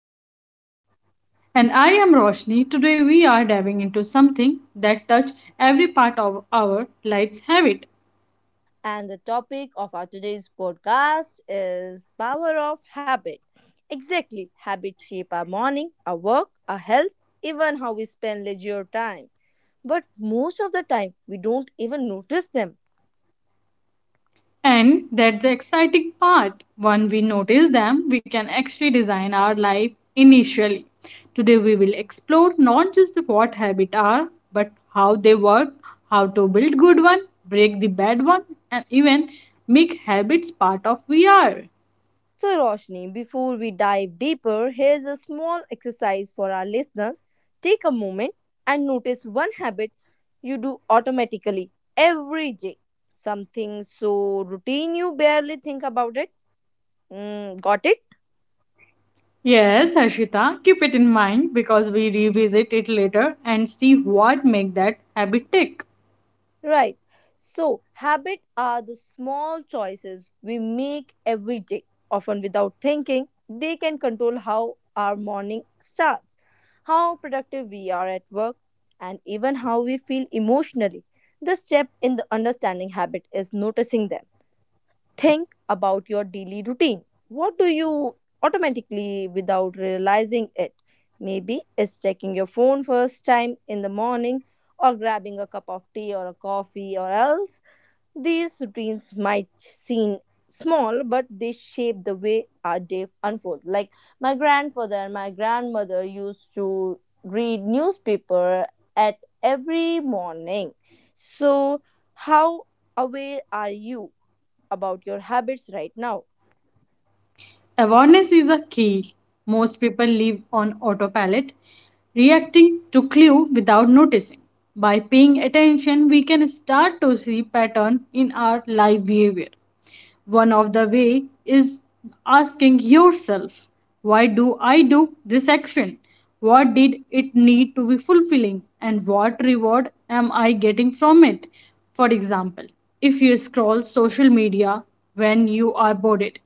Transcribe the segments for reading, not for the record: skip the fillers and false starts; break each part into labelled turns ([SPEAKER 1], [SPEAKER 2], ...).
[SPEAKER 1] Harshita,
[SPEAKER 2] And I am Roshni. Today we are diving into something that touch every part of our life's habit.
[SPEAKER 1] and the topic of our today's podcast is power of habit. Exactly, habits shape our morning, our work, our health, even how we spend leisure time. But most of the time, we don't even notice them.
[SPEAKER 2] And that's the exciting part. When we notice them, we can actually design our life initially. Today we will explore not just the what habits are, but how they work, how to build good one, break the bad one, and even make habits part of we are.
[SPEAKER 1] So, Roshni, before we dive deeper, here's a small exercise for our listeners. Take a moment and notice one habit you do automatically every day. Something so routine you barely think about it. Got it?
[SPEAKER 2] Yes, Ashita, keep it in mind because we revisit it later and see what make that habit tick.
[SPEAKER 1] Right. So, habit are the small choices we make every day, often without thinking. They can control how our morning starts, how productive we are at work, and even how we feel emotionally. The step in the understanding habit is noticing them. Think about your daily routine. What do you automatically without realizing it? Maybe it's checking your phone first time in the morning or grabbing a cup of tea or a coffee or else. These routines might seem small but they shape the way our day unfolds. Like my grandfather and my grandmother used to read newspaper at every morning. So how aware are you about your habits right now?
[SPEAKER 2] Awareness is a key. Most people live on autopilot, reacting to clue without noticing. By paying attention, we can start to see pattern in our life behavior. One of the way is asking yourself, why do I do this action? What did it need to be fulfilling and what reward am I getting from it? For example, if you scroll social media when you are bored,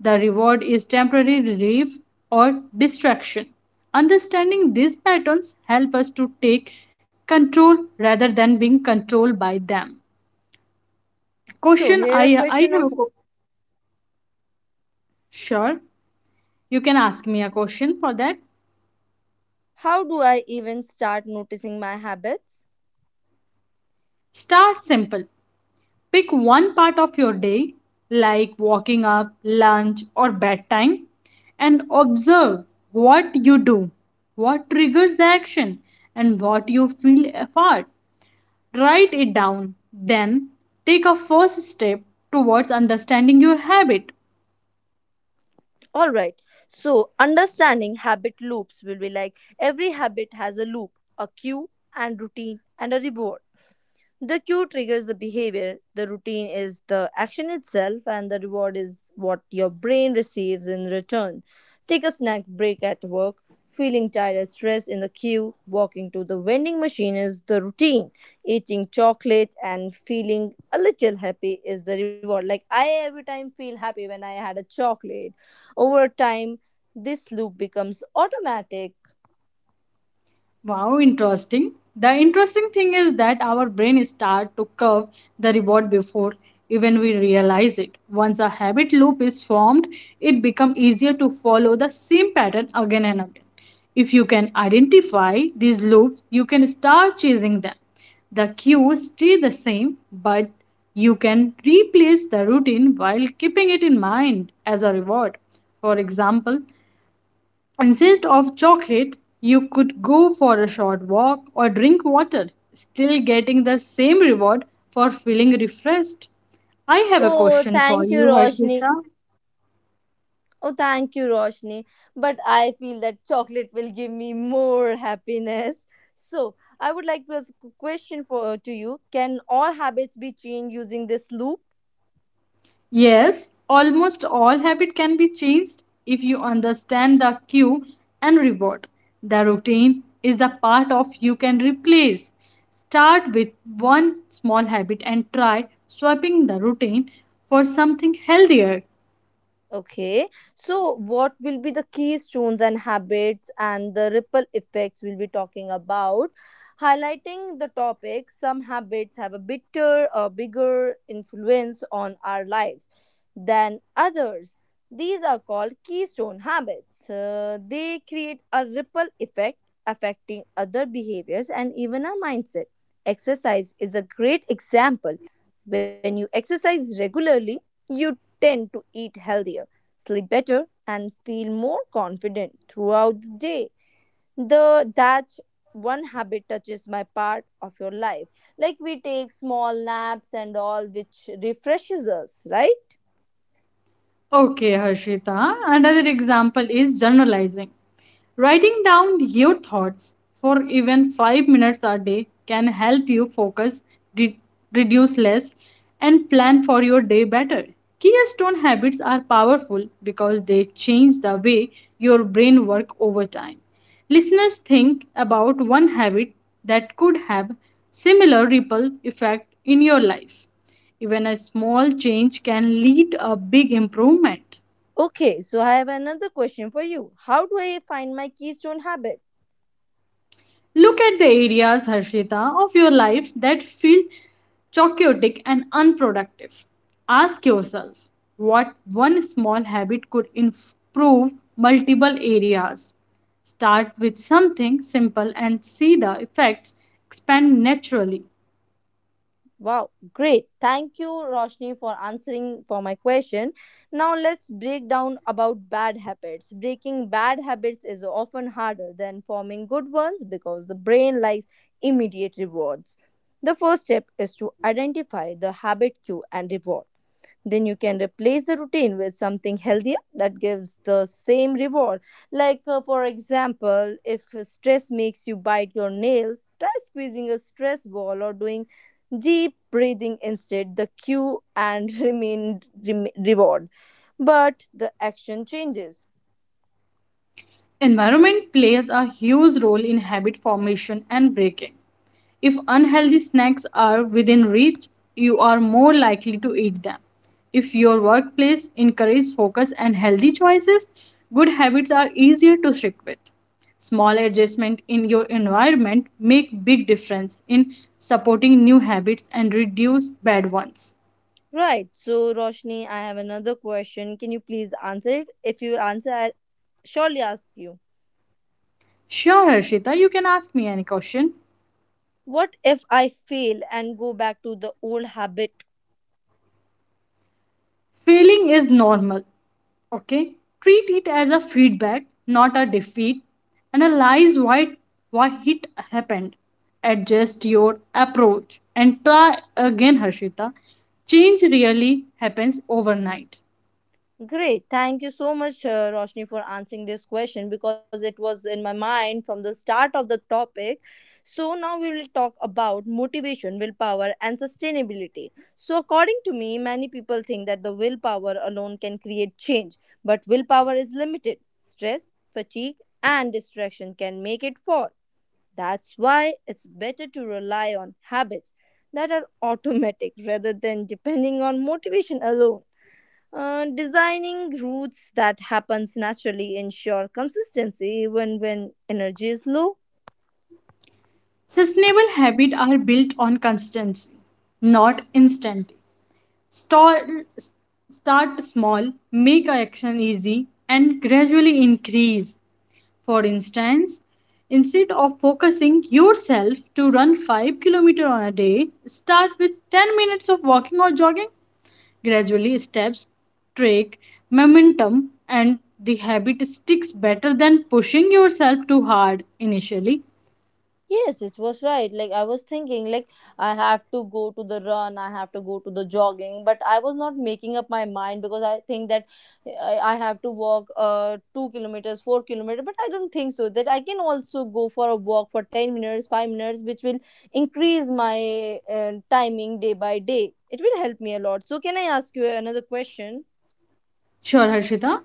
[SPEAKER 2] the reward is temporary relief or distraction. Understanding these patterns help us to take control rather than being controlled by them.
[SPEAKER 1] So,
[SPEAKER 2] Question
[SPEAKER 1] here a
[SPEAKER 2] I
[SPEAKER 1] question
[SPEAKER 2] have a
[SPEAKER 1] of,
[SPEAKER 2] question. Sure, you can ask me a question for that.
[SPEAKER 1] how do I even start noticing my habits?
[SPEAKER 2] Start simple. Pick one part of your day, like walking up, lunch, or bedtime, and observe what you do, what triggers the action, and what you feel apart. Write it down. Then take a first step towards understanding your habit.
[SPEAKER 1] All right. So, understanding habit loops will be like every habit has a loop, a cue, and routine, and a reward. The cue triggers the behavior, the routine is the action itself, and the reward is what your brain receives in return. Take a snack break at work, feeling tired and stressed in the queue, walking to the vending machine is the routine, eating chocolate and feeling a little happy is the reward. Like I every time feel happy when I had a chocolate. Over time, this loop becomes automatic.
[SPEAKER 2] Wow, interesting. The interesting thing is that our brain start to curve the reward before even we realize it. Once a habit loop is formed, it becomes easier to follow the same pattern again and again. If you can identify these loops, you can start chasing them. The cues stay the same, but you can replace the routine while keeping it in mind as a reward. For example, instead of chocolate, you could go for a short walk or drink water, still getting the same reward for feeling refreshed. I have a
[SPEAKER 1] Oh,
[SPEAKER 2] question for
[SPEAKER 1] thank you,
[SPEAKER 2] you,
[SPEAKER 1] Roshni.
[SPEAKER 2] Harshita.
[SPEAKER 1] Oh, thank you, Roshni. But I feel that chocolate will give me more happiness. So, I would like to ask a question for to you. Can all habits be changed using this loop?
[SPEAKER 2] Yes, almost all habit can be changed if you understand the cue and reward. The routine is the part of you can replace. Start with one small habit and try swapping the routine for something healthier.
[SPEAKER 1] Okay, so what will be the keystones and habits and the ripple effects we'll be talking about? Highlighting the topic, some habits have a bitter or bigger influence on our lives than others. These are called keystone habits. They create a ripple effect affecting other behaviors and even our mindset. Exercise is a great example. When you exercise regularly, you tend to eat healthier, sleep better, and feel more confident throughout the day. The that one habit touches my part of your life. Like we take small naps and all, which refreshes us, right?
[SPEAKER 2] Okay, Harshita. Another example is journalizing. Writing down your thoughts for even 5 minutes a day can help you focus, re- reduce less, and plan for your day better. Keystone habits are powerful because they change the way your brain works over time. Listeners think about one habit that could have similar ripple effect in your life. Even a small change can lead a big improvement.
[SPEAKER 1] Okay, so I have another question for you. How do I find my keystone habit?
[SPEAKER 2] Look at the areas, Harshita, of your life that feel chaotic and unproductive. Ask yourself what one small habit could improve multiple areas. Start with something simple and see the effects expand naturally.
[SPEAKER 1] Wow, great. Thank you, Roshni, for answering for my question. Now let's break down about bad habits. Breaking bad habits is often harder than forming good ones because the brain likes immediate rewards. The first step is to identify the habit cue and reward. Then you can replace the routine with something healthier that gives the same reward. Like, for example, if stress makes you bite your nails, try squeezing a stress ball or doing deep breathing instead, the cue and remain reward. But the action changes.
[SPEAKER 2] Environment plays a huge role in habit formation and breaking. If unhealthy snacks are within reach, you are more likely to eat them. If your workplace encourages focus and healthy choices, good habits are easier to stick with. Small adjustment in your environment make big difference in supporting new habits and reduce bad ones.
[SPEAKER 1] Right. So, Roshni, I have another question. Can you please answer it? If you answer, I'll surely ask you.
[SPEAKER 2] Sure, Harshita, you can ask me any question.
[SPEAKER 1] What if I fail and go back to the old habit?
[SPEAKER 2] Failing is normal, okay? Treat it as a feedback, not a defeat. Analyze why it happened. Adjust your approach and try again, Harshita. Change really happens overnight.
[SPEAKER 1] Great. Thank you so much, Roshni, for answering this question because it was in my mind from the start of the topic. So, now we will talk about motivation, willpower, and sustainability. So, according to me, many people think that the willpower alone can create change, but willpower is limited. Stress, fatigue, and distraction can make it fall. That's why it's better to rely on habits that are automatic rather than depending on motivation alone. Designing routes that happens naturally ensure consistency even when energy is low.
[SPEAKER 2] Sustainable habits are built on consistency, not instantly. Start, start small, make action easy, and gradually increase. For instance, instead of focusing yourself to run 5 km on a day, start with 10 minutes of walking or jogging. Gradually, steps take momentum and the habit sticks better than pushing yourself too hard initially.
[SPEAKER 1] Yes, it was right. Like I was thinking, like I have to go to the run, I have to go to the jogging, but I was not making up my mind because I think that I have to walk 2 km, 4 km, but I don't think so. That I can also go for a walk for 10 minutes, 5 minutes, which will increase my timing day by day. It will help me a lot. So can I ask you another question?
[SPEAKER 2] Sure, Harshita.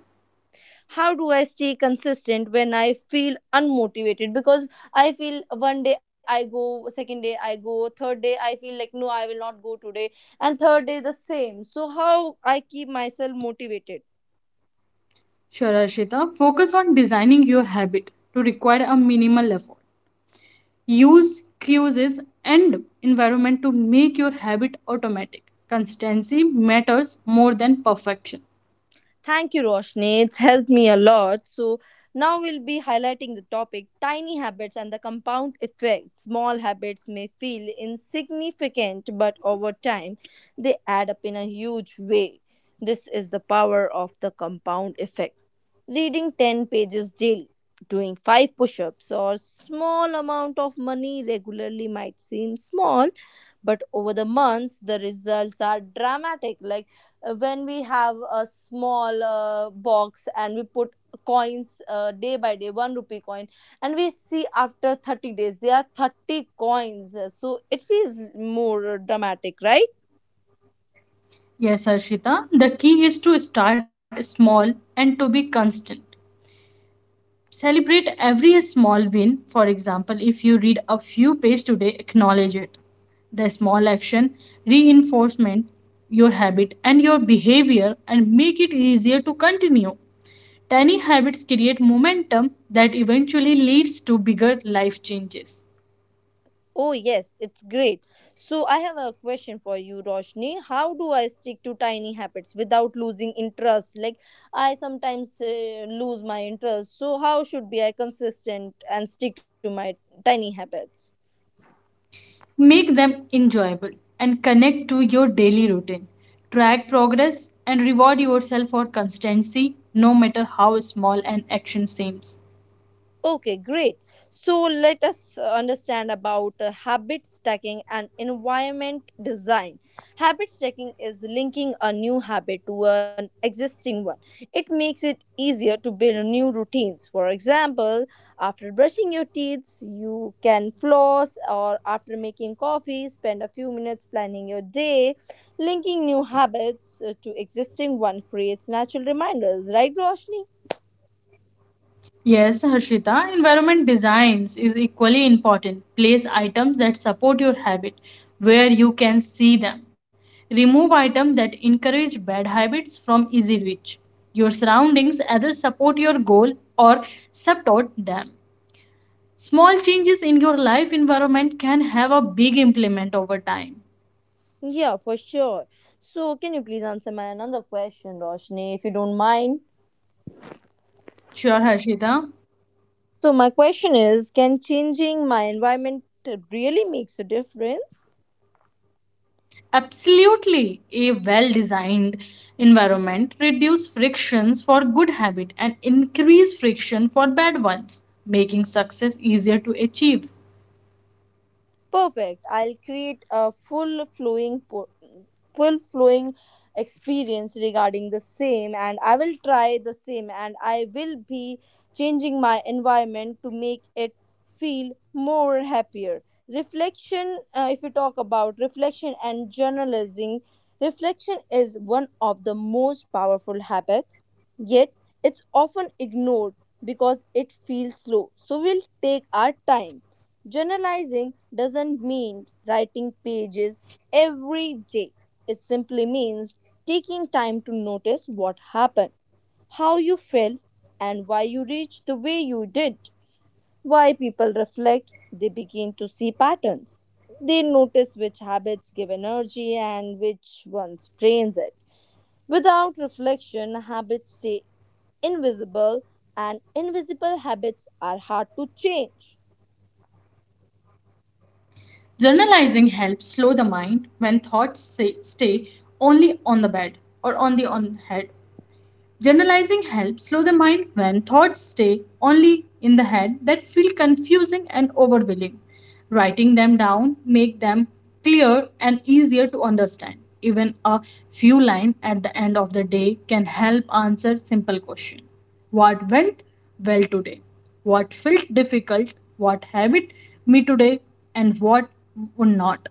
[SPEAKER 1] How do I stay consistent when I feel unmotivated? Because I feel one day I go, second day I go, third day I feel like, no, I will not go today, and third day the same. So how I keep myself motivated?
[SPEAKER 2] Sure, Harshita. Focus on designing your habit to require a minimal effort. Use cues and environment to make your habit automatic. Consistency matters more than perfection.
[SPEAKER 1] Thank you, Roshni. It's helped me a lot. So now we'll be highlighting the topic tiny habits and the compound effect. Small habits may feel insignificant, but over time, they add up in a huge way. This is the power of the compound effect. Reading 10 pages daily, doing 5 push ups, or small amount of money regularly might seem small, but over the months, the results are dramatic, like when we have a small box and we put coins day by day 1 rupee coin and we see after 30 days there are 30 coins. So it feels more dramatic, right?
[SPEAKER 2] Yes, Arshita, the key is to start small and to be constant. Celebrate every small win. For example, if you read a few pages today, acknowledge it. The small action reinforcement your habit and your behavior and make it easier to continue. Tiny habits create momentum that eventually leads to bigger life changes.
[SPEAKER 1] Oh yes, it's great. So I have a question for you, Roshni. How do I stick to tiny habits without losing interest? Like I sometimes lose my interest, so how should be I consistent and stick to my tiny habits?
[SPEAKER 2] Make them enjoyable and connect to your daily routine. Track progress and reward yourself for constancy, no matter how small an action seems.
[SPEAKER 1] Okay, great. So let us understand about habit stacking and environment design. Habit stacking is linking a new habit to an existing one. It makes it easier to build new routines. For example, after brushing your teeth, you can floss, or after making coffee, spend a few minutes planning your day. Linking new habits to existing one creates natural reminders, right, Roshni?
[SPEAKER 2] Yes, Harshita, environment designs is equally important. Place items that support your habit where you can see them. Remove items that encourage bad habits from easy reach. Your surroundings either support your goal or support them. Small changes in your life environment can have a big implement over time.
[SPEAKER 1] Yeah, for sure. So, can you please answer my another question, Roshni, if you don't mind?
[SPEAKER 2] Sure, Harshita.
[SPEAKER 1] So, my question is, can changing my environment really makes a difference?
[SPEAKER 2] Absolutely, a well designed environment reduce frictions for good habit and increase friction for bad ones, making success easier to achieve.
[SPEAKER 1] Perfect. I'll create a full flowing full flowing experience regarding the same and I will try the same and I will be changing my environment to make it feel more happier. Reflection, if we talk about reflection and journalizing, reflection is one of the most powerful habits, yet it's often ignored because it feels slow. So we'll take our time. Journalizing doesn't mean writing pages every day. It simply means taking time to notice what happened, how you felt, and why you reached the way you did. Why people reflect, they begin to see patterns. They notice which habits give energy and which ones drains it. Without reflection, habits stay invisible, and invisible habits are hard to change.
[SPEAKER 2] Journalizing helps slow the mind when thoughts stay only on the bed or on head. Generalizing helps slow the mind when thoughts stay only in the head that feel confusing and overwhelming. Writing them down make them clear and easier to understand. Even a few lines at the end of the day can help answer simple questions. What went well today? What felt difficult? What habit me today? And what would not?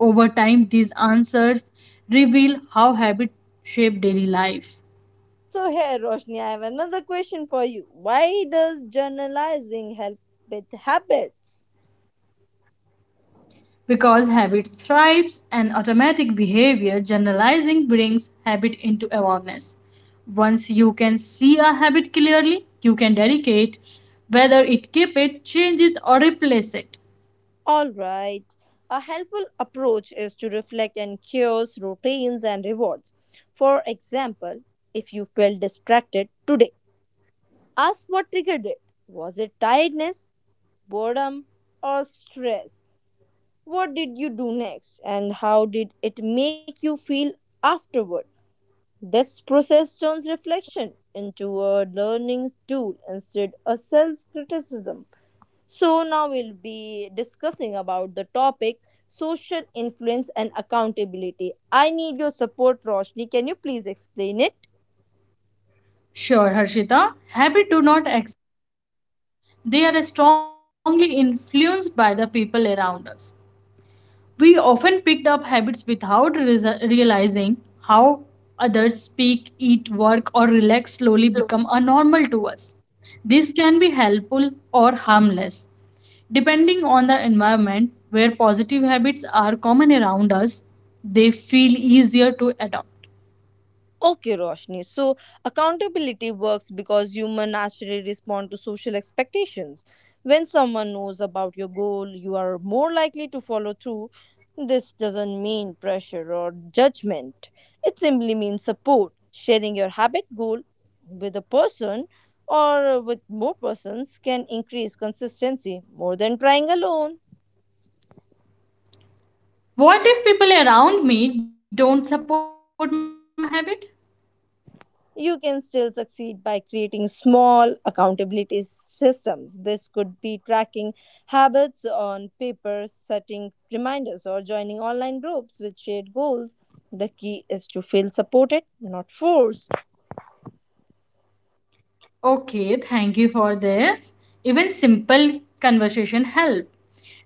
[SPEAKER 2] Over time, these answers reveal how habits shape daily life.
[SPEAKER 1] So here, Roshni, I have another question for you. Why does journalizing help with habits?
[SPEAKER 2] Because habit thrives and automatic behavior generalizing brings habit into awareness. Once you can see a habit clearly, you can dedicate whether it keep it change it or replace it.
[SPEAKER 1] All right. A helpful approach is to reflect on cures, routines, and rewards. For example, if you felt distracted today, ask what triggered it. Was it tiredness, boredom, or stress? What did you do next, and how did it make you feel afterward? This process turns reflection into a learning tool instead a self-criticism. So now we'll be discussing about the topic social influence and accountability. I need your support, Roshni. Can you please explain it?
[SPEAKER 2] Sure, Harshita, habit do not exist, they are strongly influenced by the people around us. We often picked up habits without realizing how others speak, eat, work, or relax slowly become a normal to us. This can be helpful or harmless, depending on the environment where positive habits are common around us. They feel easier to adopt.
[SPEAKER 1] Okay, Roshni. So accountability works because humans naturally respond to social expectations. When someone knows about your goal, you are more likely to follow through. This doesn't mean pressure or judgment. It simply means support. Sharing your habit goal with a person or with more persons can increase consistency more than trying alone.
[SPEAKER 2] What if people around me don't support my habit?
[SPEAKER 1] You can still succeed by creating small accountability systems. This could be tracking habits on paper, setting reminders, or joining online groups with shared goals. The key is to feel supported, not forced.
[SPEAKER 2] Okay, thank you for this. Even simple conversation help.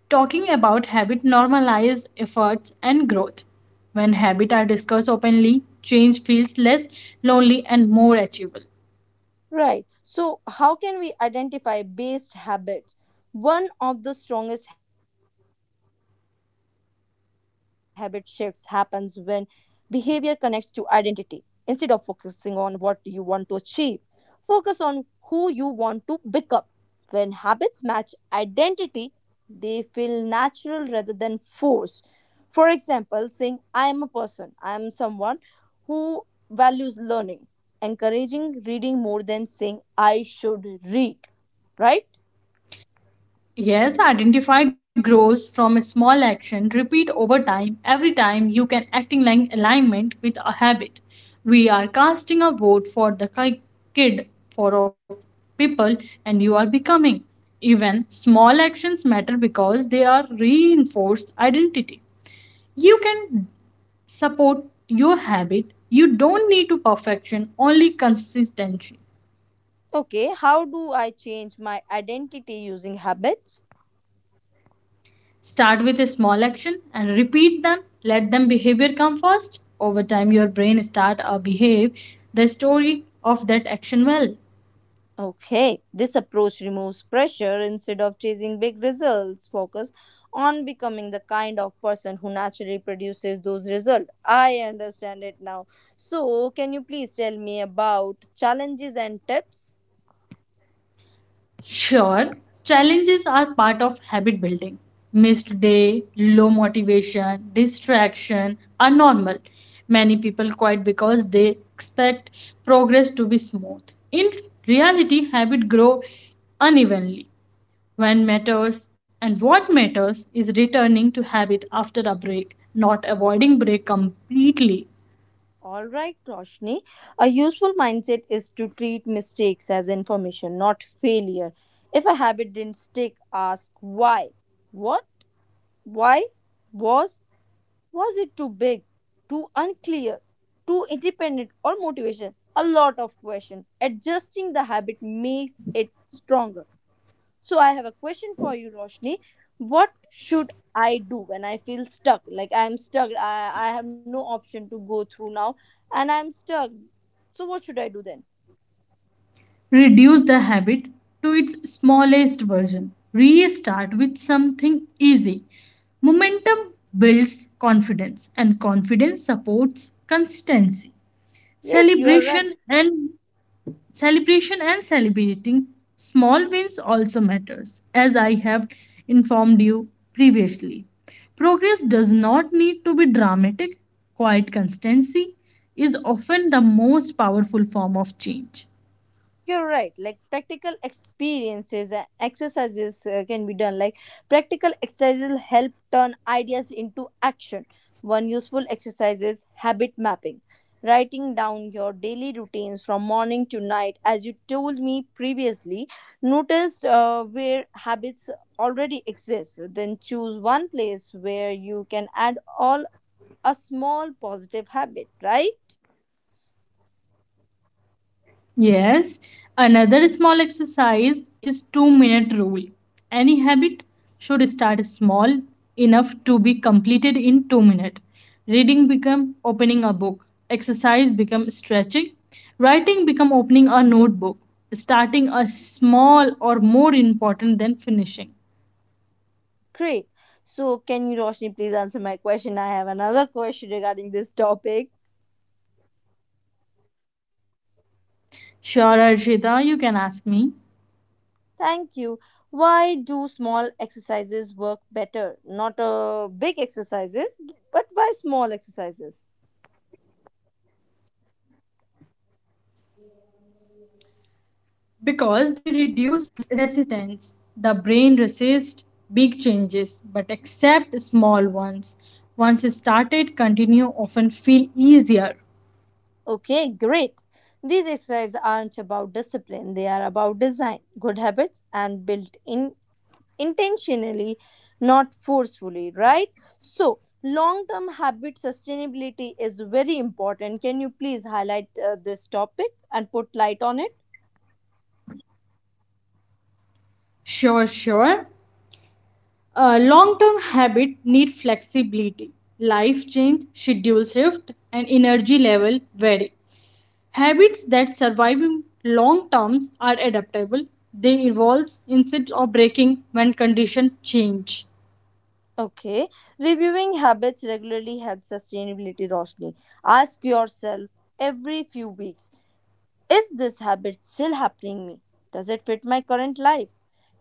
[SPEAKER 2] Talking about habit normalize efforts and growth. When habits are discussed openly, change feels less lonely and more achievable.
[SPEAKER 1] Right. So, how can we identify based habits? One of the strongest habit shifts happens when behavior connects to identity. Instead of focusing on what you want to achieve, focus on who you want to become. When habits match identity, they feel natural rather than forced. For example, saying, I am a person, I am someone who values learning, encouraging reading more than saying, I should read, right?
[SPEAKER 2] Yes, identify grows from a small action. Repeat over time. Every time you can acting like alignment with a habit. We are casting a vote for the kid for of people and you are becoming. Even small actions matter because they are reinforced identity. You can support your habit. You don't need to perfection, only consistency.
[SPEAKER 1] Okay, how do I change my identity using habits?
[SPEAKER 2] Start with a small action and repeat them. Let them behavior come first. Over time, your brain start or behave the story of that action well.
[SPEAKER 1] Okay, this approach removes pressure instead of chasing big results. Focus on becoming the kind of person who naturally produces those results. I understand it now. So, can you please tell me about challenges and tips?
[SPEAKER 2] Sure, challenges are part of habit building. Missed day, low motivation, distraction are normal. Many people quit because they expect progress to be smooth. In reality, habit grow unevenly. When matters and what matters is returning to habit after a break, not avoiding break completely.
[SPEAKER 1] All right, Roshni. A useful mindset is to treat mistakes as information, not failure. If a habit didn't stick, ask why. What? Why? Was Was it too big, too unclear, too independent or motivation? A lot of questions. Adjusting the habit makes it stronger. So I have a question for you, Roshni. What should I do when I feel stuck? Like I am stuck. I have no option to go through now and I am stuck. So what should I do then?
[SPEAKER 2] Reduce the habit to its smallest version, restart with something easy. Momentum builds confidence and confidence supports consistency.
[SPEAKER 1] Yes, you are right.
[SPEAKER 2] celebration and Celebration and celebrating small wins also matters. As I have informed you previously, progress does not need to be dramatic. Quiet constancy is often the most powerful form of change.
[SPEAKER 1] You're right. Like practical experiences and exercises can be done. Like practical exercises help turn ideas into action. One useful exercise is habit mapping, writing down your daily routines from morning to night. As you told me previously, notice where habits already exist. Then choose one place where you can add all a small positive habit. Right?
[SPEAKER 2] Yes, another small exercise is 2-minute rule. Any habit should start small enough to be completed in 2 minutes. Reading become opening a book, exercise become stretching, writing become opening a notebook, starting a small or more important than finishing.
[SPEAKER 1] Great. So, can you, Roshni, please answer my question? I have another question regarding this topic.
[SPEAKER 2] Sure, Arshita, you can ask me.
[SPEAKER 1] Thank you. Why do small exercises work better? Not big exercises, but why small exercises?
[SPEAKER 2] Because they reduce resistance. The brain resists big changes but accept small ones. Once started, continue often feel easier.
[SPEAKER 1] Okay, great. These exercises aren't about discipline, they are about design, good habits, and built in intentionally, not forcefully, right? So, long term habit sustainability is very important. Can you please highlight this topic and put light on it?
[SPEAKER 2] Sure. Long-term habit need flexibility. Life change, schedule shift, and energy level vary. Habits that survive in long terms are adaptable. They evolve instead of breaking when conditions change.
[SPEAKER 1] Okay, reviewing habits regularly helps sustainability, Roshni. Ask yourself every few weeks, is this habit still happening me? Does it fit my current life?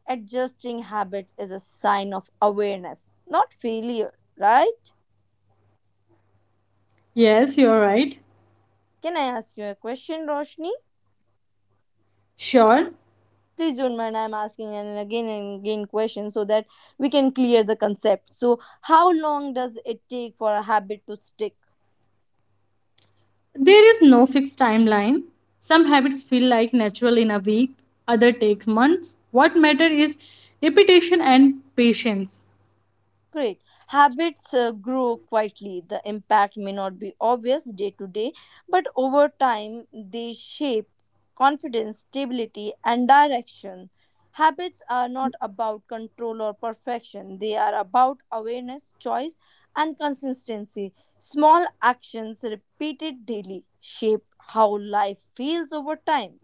[SPEAKER 1] Adjusting habit is a sign of awareness, not failure, right?
[SPEAKER 2] Yes, you're right.
[SPEAKER 1] Can I ask you a question, Roshni?
[SPEAKER 2] Sure.
[SPEAKER 1] Please don't mind I'm asking an again and again questions, so that we can clear the concept. So how long does it take for a habit to stick?
[SPEAKER 2] There is no fixed timeline. Some habits feel like natural in a week, other take months. What matters is repetition and patience.
[SPEAKER 1] Great. Habits grow quietly. The impact may not be obvious day to day, but over time they shape confidence, stability, and direction. Habits are not about control or perfection, they are about awareness, choice, and consistency. Small actions repeated daily shape how life feels over time.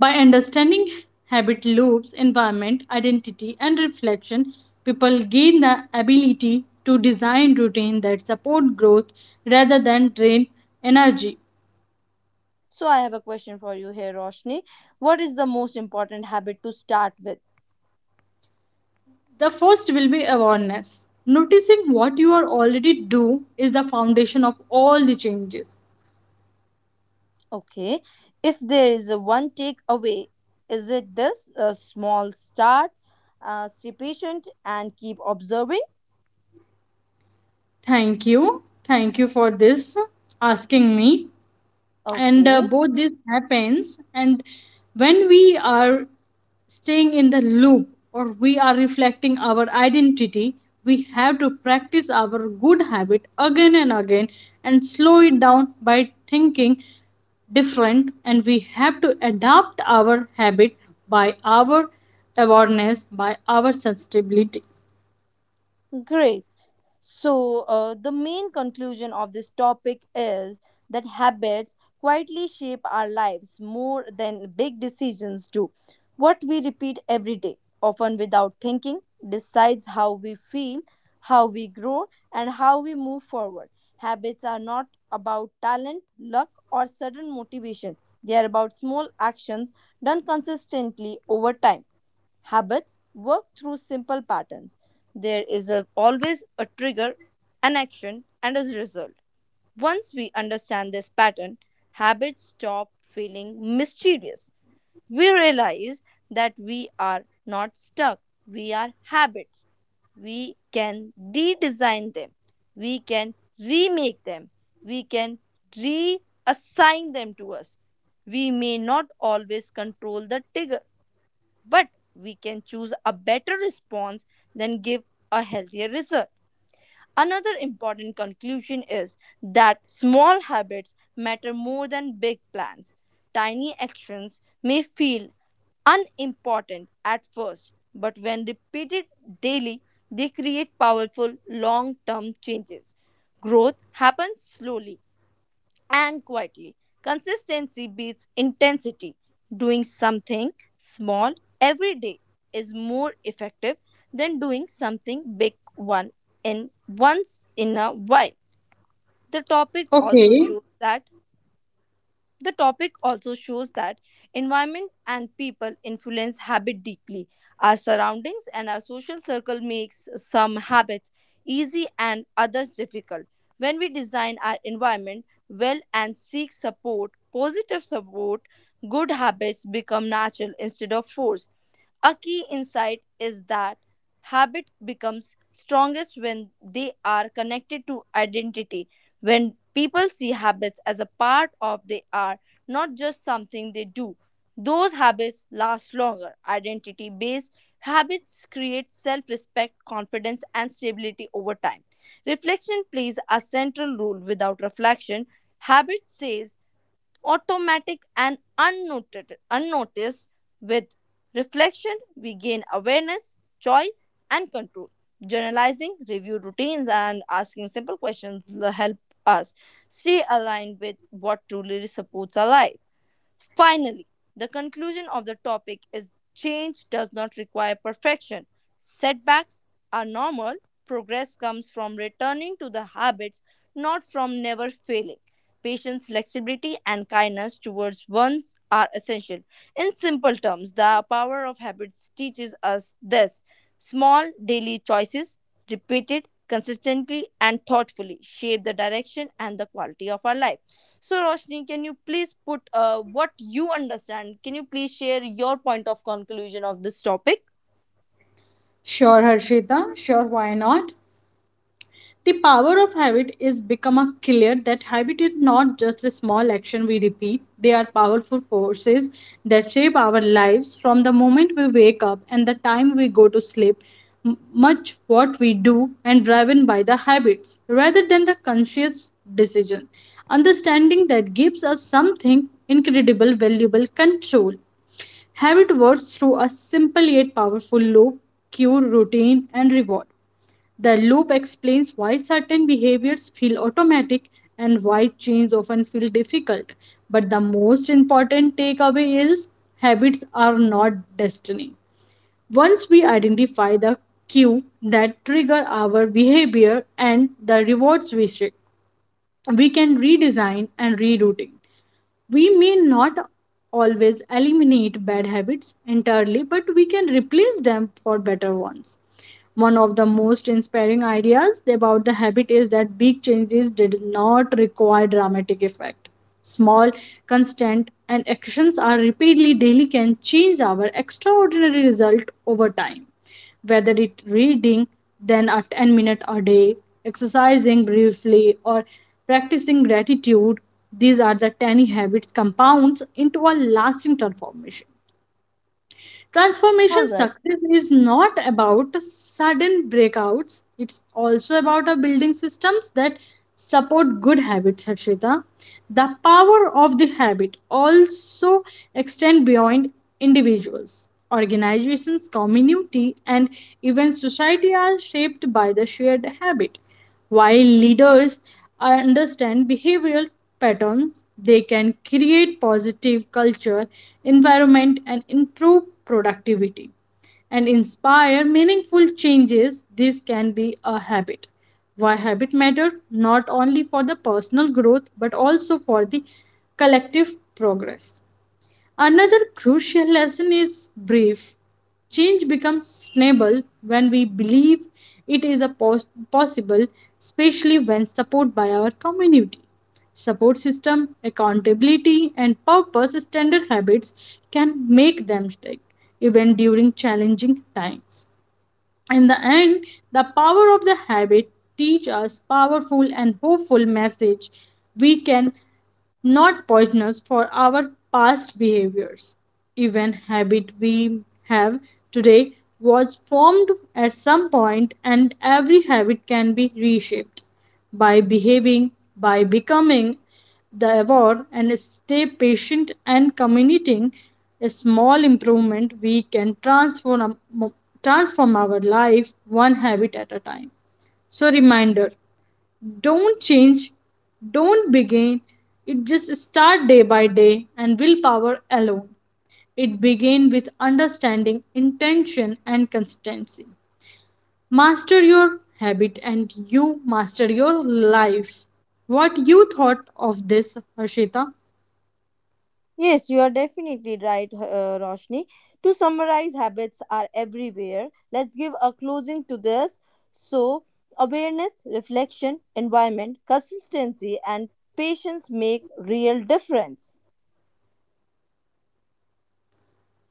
[SPEAKER 2] By understanding habit loops, environment, identity and reflection, people gain the ability to design routines that support growth rather than drain energy.
[SPEAKER 1] So, I have a question for you here, Roshni. What is the most important habit to start with?
[SPEAKER 2] The first will be awareness. Noticing what you are already do is the foundation of all the changes.
[SPEAKER 1] Okay, if there is a one takeaway, is it this? A small start, stay patient and keep observing.
[SPEAKER 2] Thank you for this asking me. And uh,
[SPEAKER 1] Okay,
[SPEAKER 2] both this happens and when we are staying in the loop or we are reflecting our identity, we have to practice our good habit again and again and slow it down by thinking different and we have to adapt our habit by our awareness, by our sensitivity.
[SPEAKER 1] great. So, the main conclusion of this topic is that habits quietly shape our lives more than big decisions do. What we repeat every day, often without thinking, decides how we feel, how we grow, and how we move forward. Habits are not about talent, luck, or sudden motivation, they are about small actions done consistently over time. Habits work through simple patterns. Always a trigger, an action, and a result. Once we understand this pattern, habits stop feeling mysterious. We realize that we are not stuck, we are habits. We can redesign them, we can remake them, we can reassign them to us. We may not always control the trigger, but we can choose a better response than give a healthier result. Another important conclusion is that small habits matter more than big plans. Tiny actions may feel unimportant at first, but when repeated daily, they create powerful long term changes. Growth happens slowly and quietly. Consistency beats intensity. Doing something small every day is more effective than doing something big one in once in a while. The topic also
[SPEAKER 2] Okay,
[SPEAKER 1] shows that the topic also shows that environment and people influence habit deeply. Our surroundings and our social circle makes some habits easy and others difficult. When we design our environment well and seek support, positive support, good habits become natural instead of forced. A key insight is that habit becomes strongest when they are connected to identity. When people see habits as a part of they are, not just something they do. Those habits last longer. Identity based habits create self respect, confidence, and stability over time. Reflection plays a central role. Without reflection, habit stays automatic and unnoted, unnoticed. With reflection, we gain awareness, choice, and control. Journalizing review routines and asking simple questions will help us stay aligned with what truly supports our life. Finally, the conclusion of the topic is change does not require perfection. Setbacks are normal. Progress comes from returning to the habits, not from never failing. Patience, flexibility, and kindness towards ones are essential. In simple terms, the power of habits teaches us this: small daily choices, repeated consistently and thoughtfully, shape the direction and the quality of our life. So, Roshni, can you please put what you understand? Can you please share your point of conclusion of this topic?
[SPEAKER 2] sure, why not? The power of habit is become a clear that habit is not just a small action we repeat. They are powerful forces that shape our lives from the moment we wake up and the time we go to sleep. Much what we do and driven by the habits rather than the conscious decision. Understanding that gives us something incredible, valuable control. Habit works through a simple yet powerful loop, cue, routine, and reward. The loop explains why certain behaviors feel automatic and why change often feels difficult. But the most important takeaway is habits are not destiny. Once we identify the cue that trigger our behavior and the rewards we seek, we can redesign and rerouting. We may not always eliminate bad habits entirely, but we can replace them for better ones. One of the most inspiring ideas about the habit is that big changes did not require dramatic effect. Small, constant, and actions are repeatedly daily can change our extraordinary result over time whether it reading then a 10 minute a day exercising briefly or practicing gratitude, these are the tiny habits compounds into a lasting transformation.
[SPEAKER 1] All right.
[SPEAKER 2] Transformation success is not about sudden breakouts. It's also about our building systems that support good habits, Harshita. The power of the habit also extend beyond individuals. Organizations, community, and even society are shaped by the shared habit. While leaders understand behavioral patterns, they can create positive culture, environment, and improve productivity and inspire meaningful changes. This can be a habit. Why habit matter not only for the personal growth but also for the collective progress. Another crucial lesson is brief. Change becomes sustainable when we believe it is a possible, especially when supported by our community. Support system, accountability, and purpose standard habits can make them stick even during challenging times. In the end, the power of the habit teach us powerful and hopeful message we can not poisonous for our past behaviors. Even habit we have today was formed at some point and every habit can be reshaped by behaving, by becoming the award and stay patient and committing a small improvement we can transform our life one habit at a time. So reminder, don't change, don't begin, it just start day by day and willpower alone, it begin with understanding intention and consistency. Master your habit and you master your life. What you thought of this, Harshita?
[SPEAKER 1] Yes, you are definitely right, Roshni. To summarize, habits are everywhere. Let's give a closing to this. So, awareness, reflection, environment, consistency, and patience make real difference.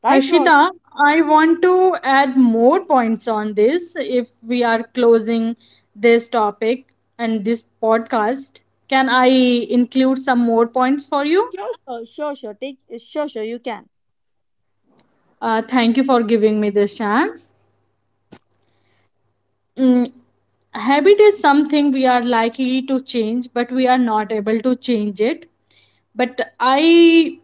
[SPEAKER 1] Right, Roshni?
[SPEAKER 2] Harshita, I want to add more points on this if we are closing this topic and this podcast. Can I include some more points for you?
[SPEAKER 1] Sure, sure, sure, sure. Take, sure, sure. You can.
[SPEAKER 2] Thank you for giving me this chance. Mm, habit is something we are likely to change, but we are not able to change it. But I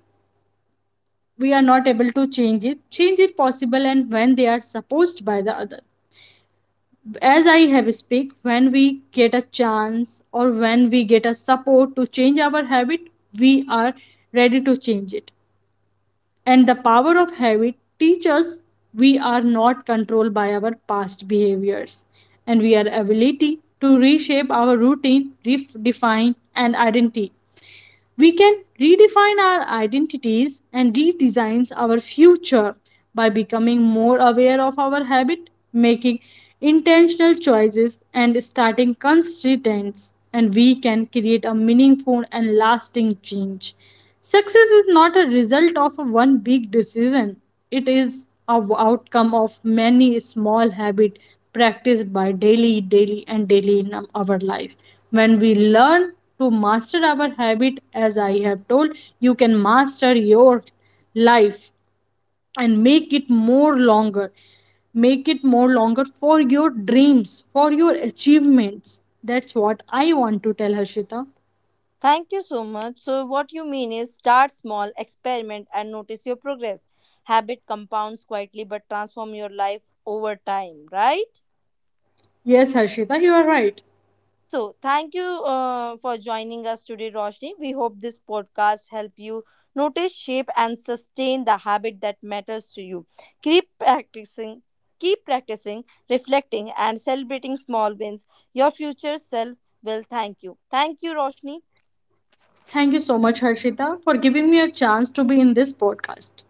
[SPEAKER 2] we are not able to change it possible and when they are supposed by the other, as I have speak when we get a chance or when we get a support to change our habit, we are ready to change it. And the power of habit teaches we are not controlled by our past behaviors and we are ability to reshape our routine redefine and identity. We can redefine our identities and redesign our future by becoming more aware of our habit, making intentional choices, and starting consistence. And we can create a meaningful and lasting change. Success is not a result of one big decision. It is a outcome of many small habits practiced by daily, daily, and daily in our life. When we learn to master our habit, as I have told, you can master your life and make it more longer. Make it more longer for your dreams, for your achievements. That's what I want to tell Harshita.
[SPEAKER 1] Thank you so much. So, what you mean is start small, experiment, and notice your progress. Habit compounds quietly but transform your life over time, right?
[SPEAKER 2] Yes, Harshita, you are right.
[SPEAKER 1] So, thank you for joining us today, Roshni. We hope this podcast help you notice, shape, and sustain the habit that matters to you. Keep practicing, keep practicing, reflecting, and celebrating small wins. Your future self will thank you. Thank you, Roshni.
[SPEAKER 2] Thank you so much, Harshita, for giving me a chance to be in this podcast.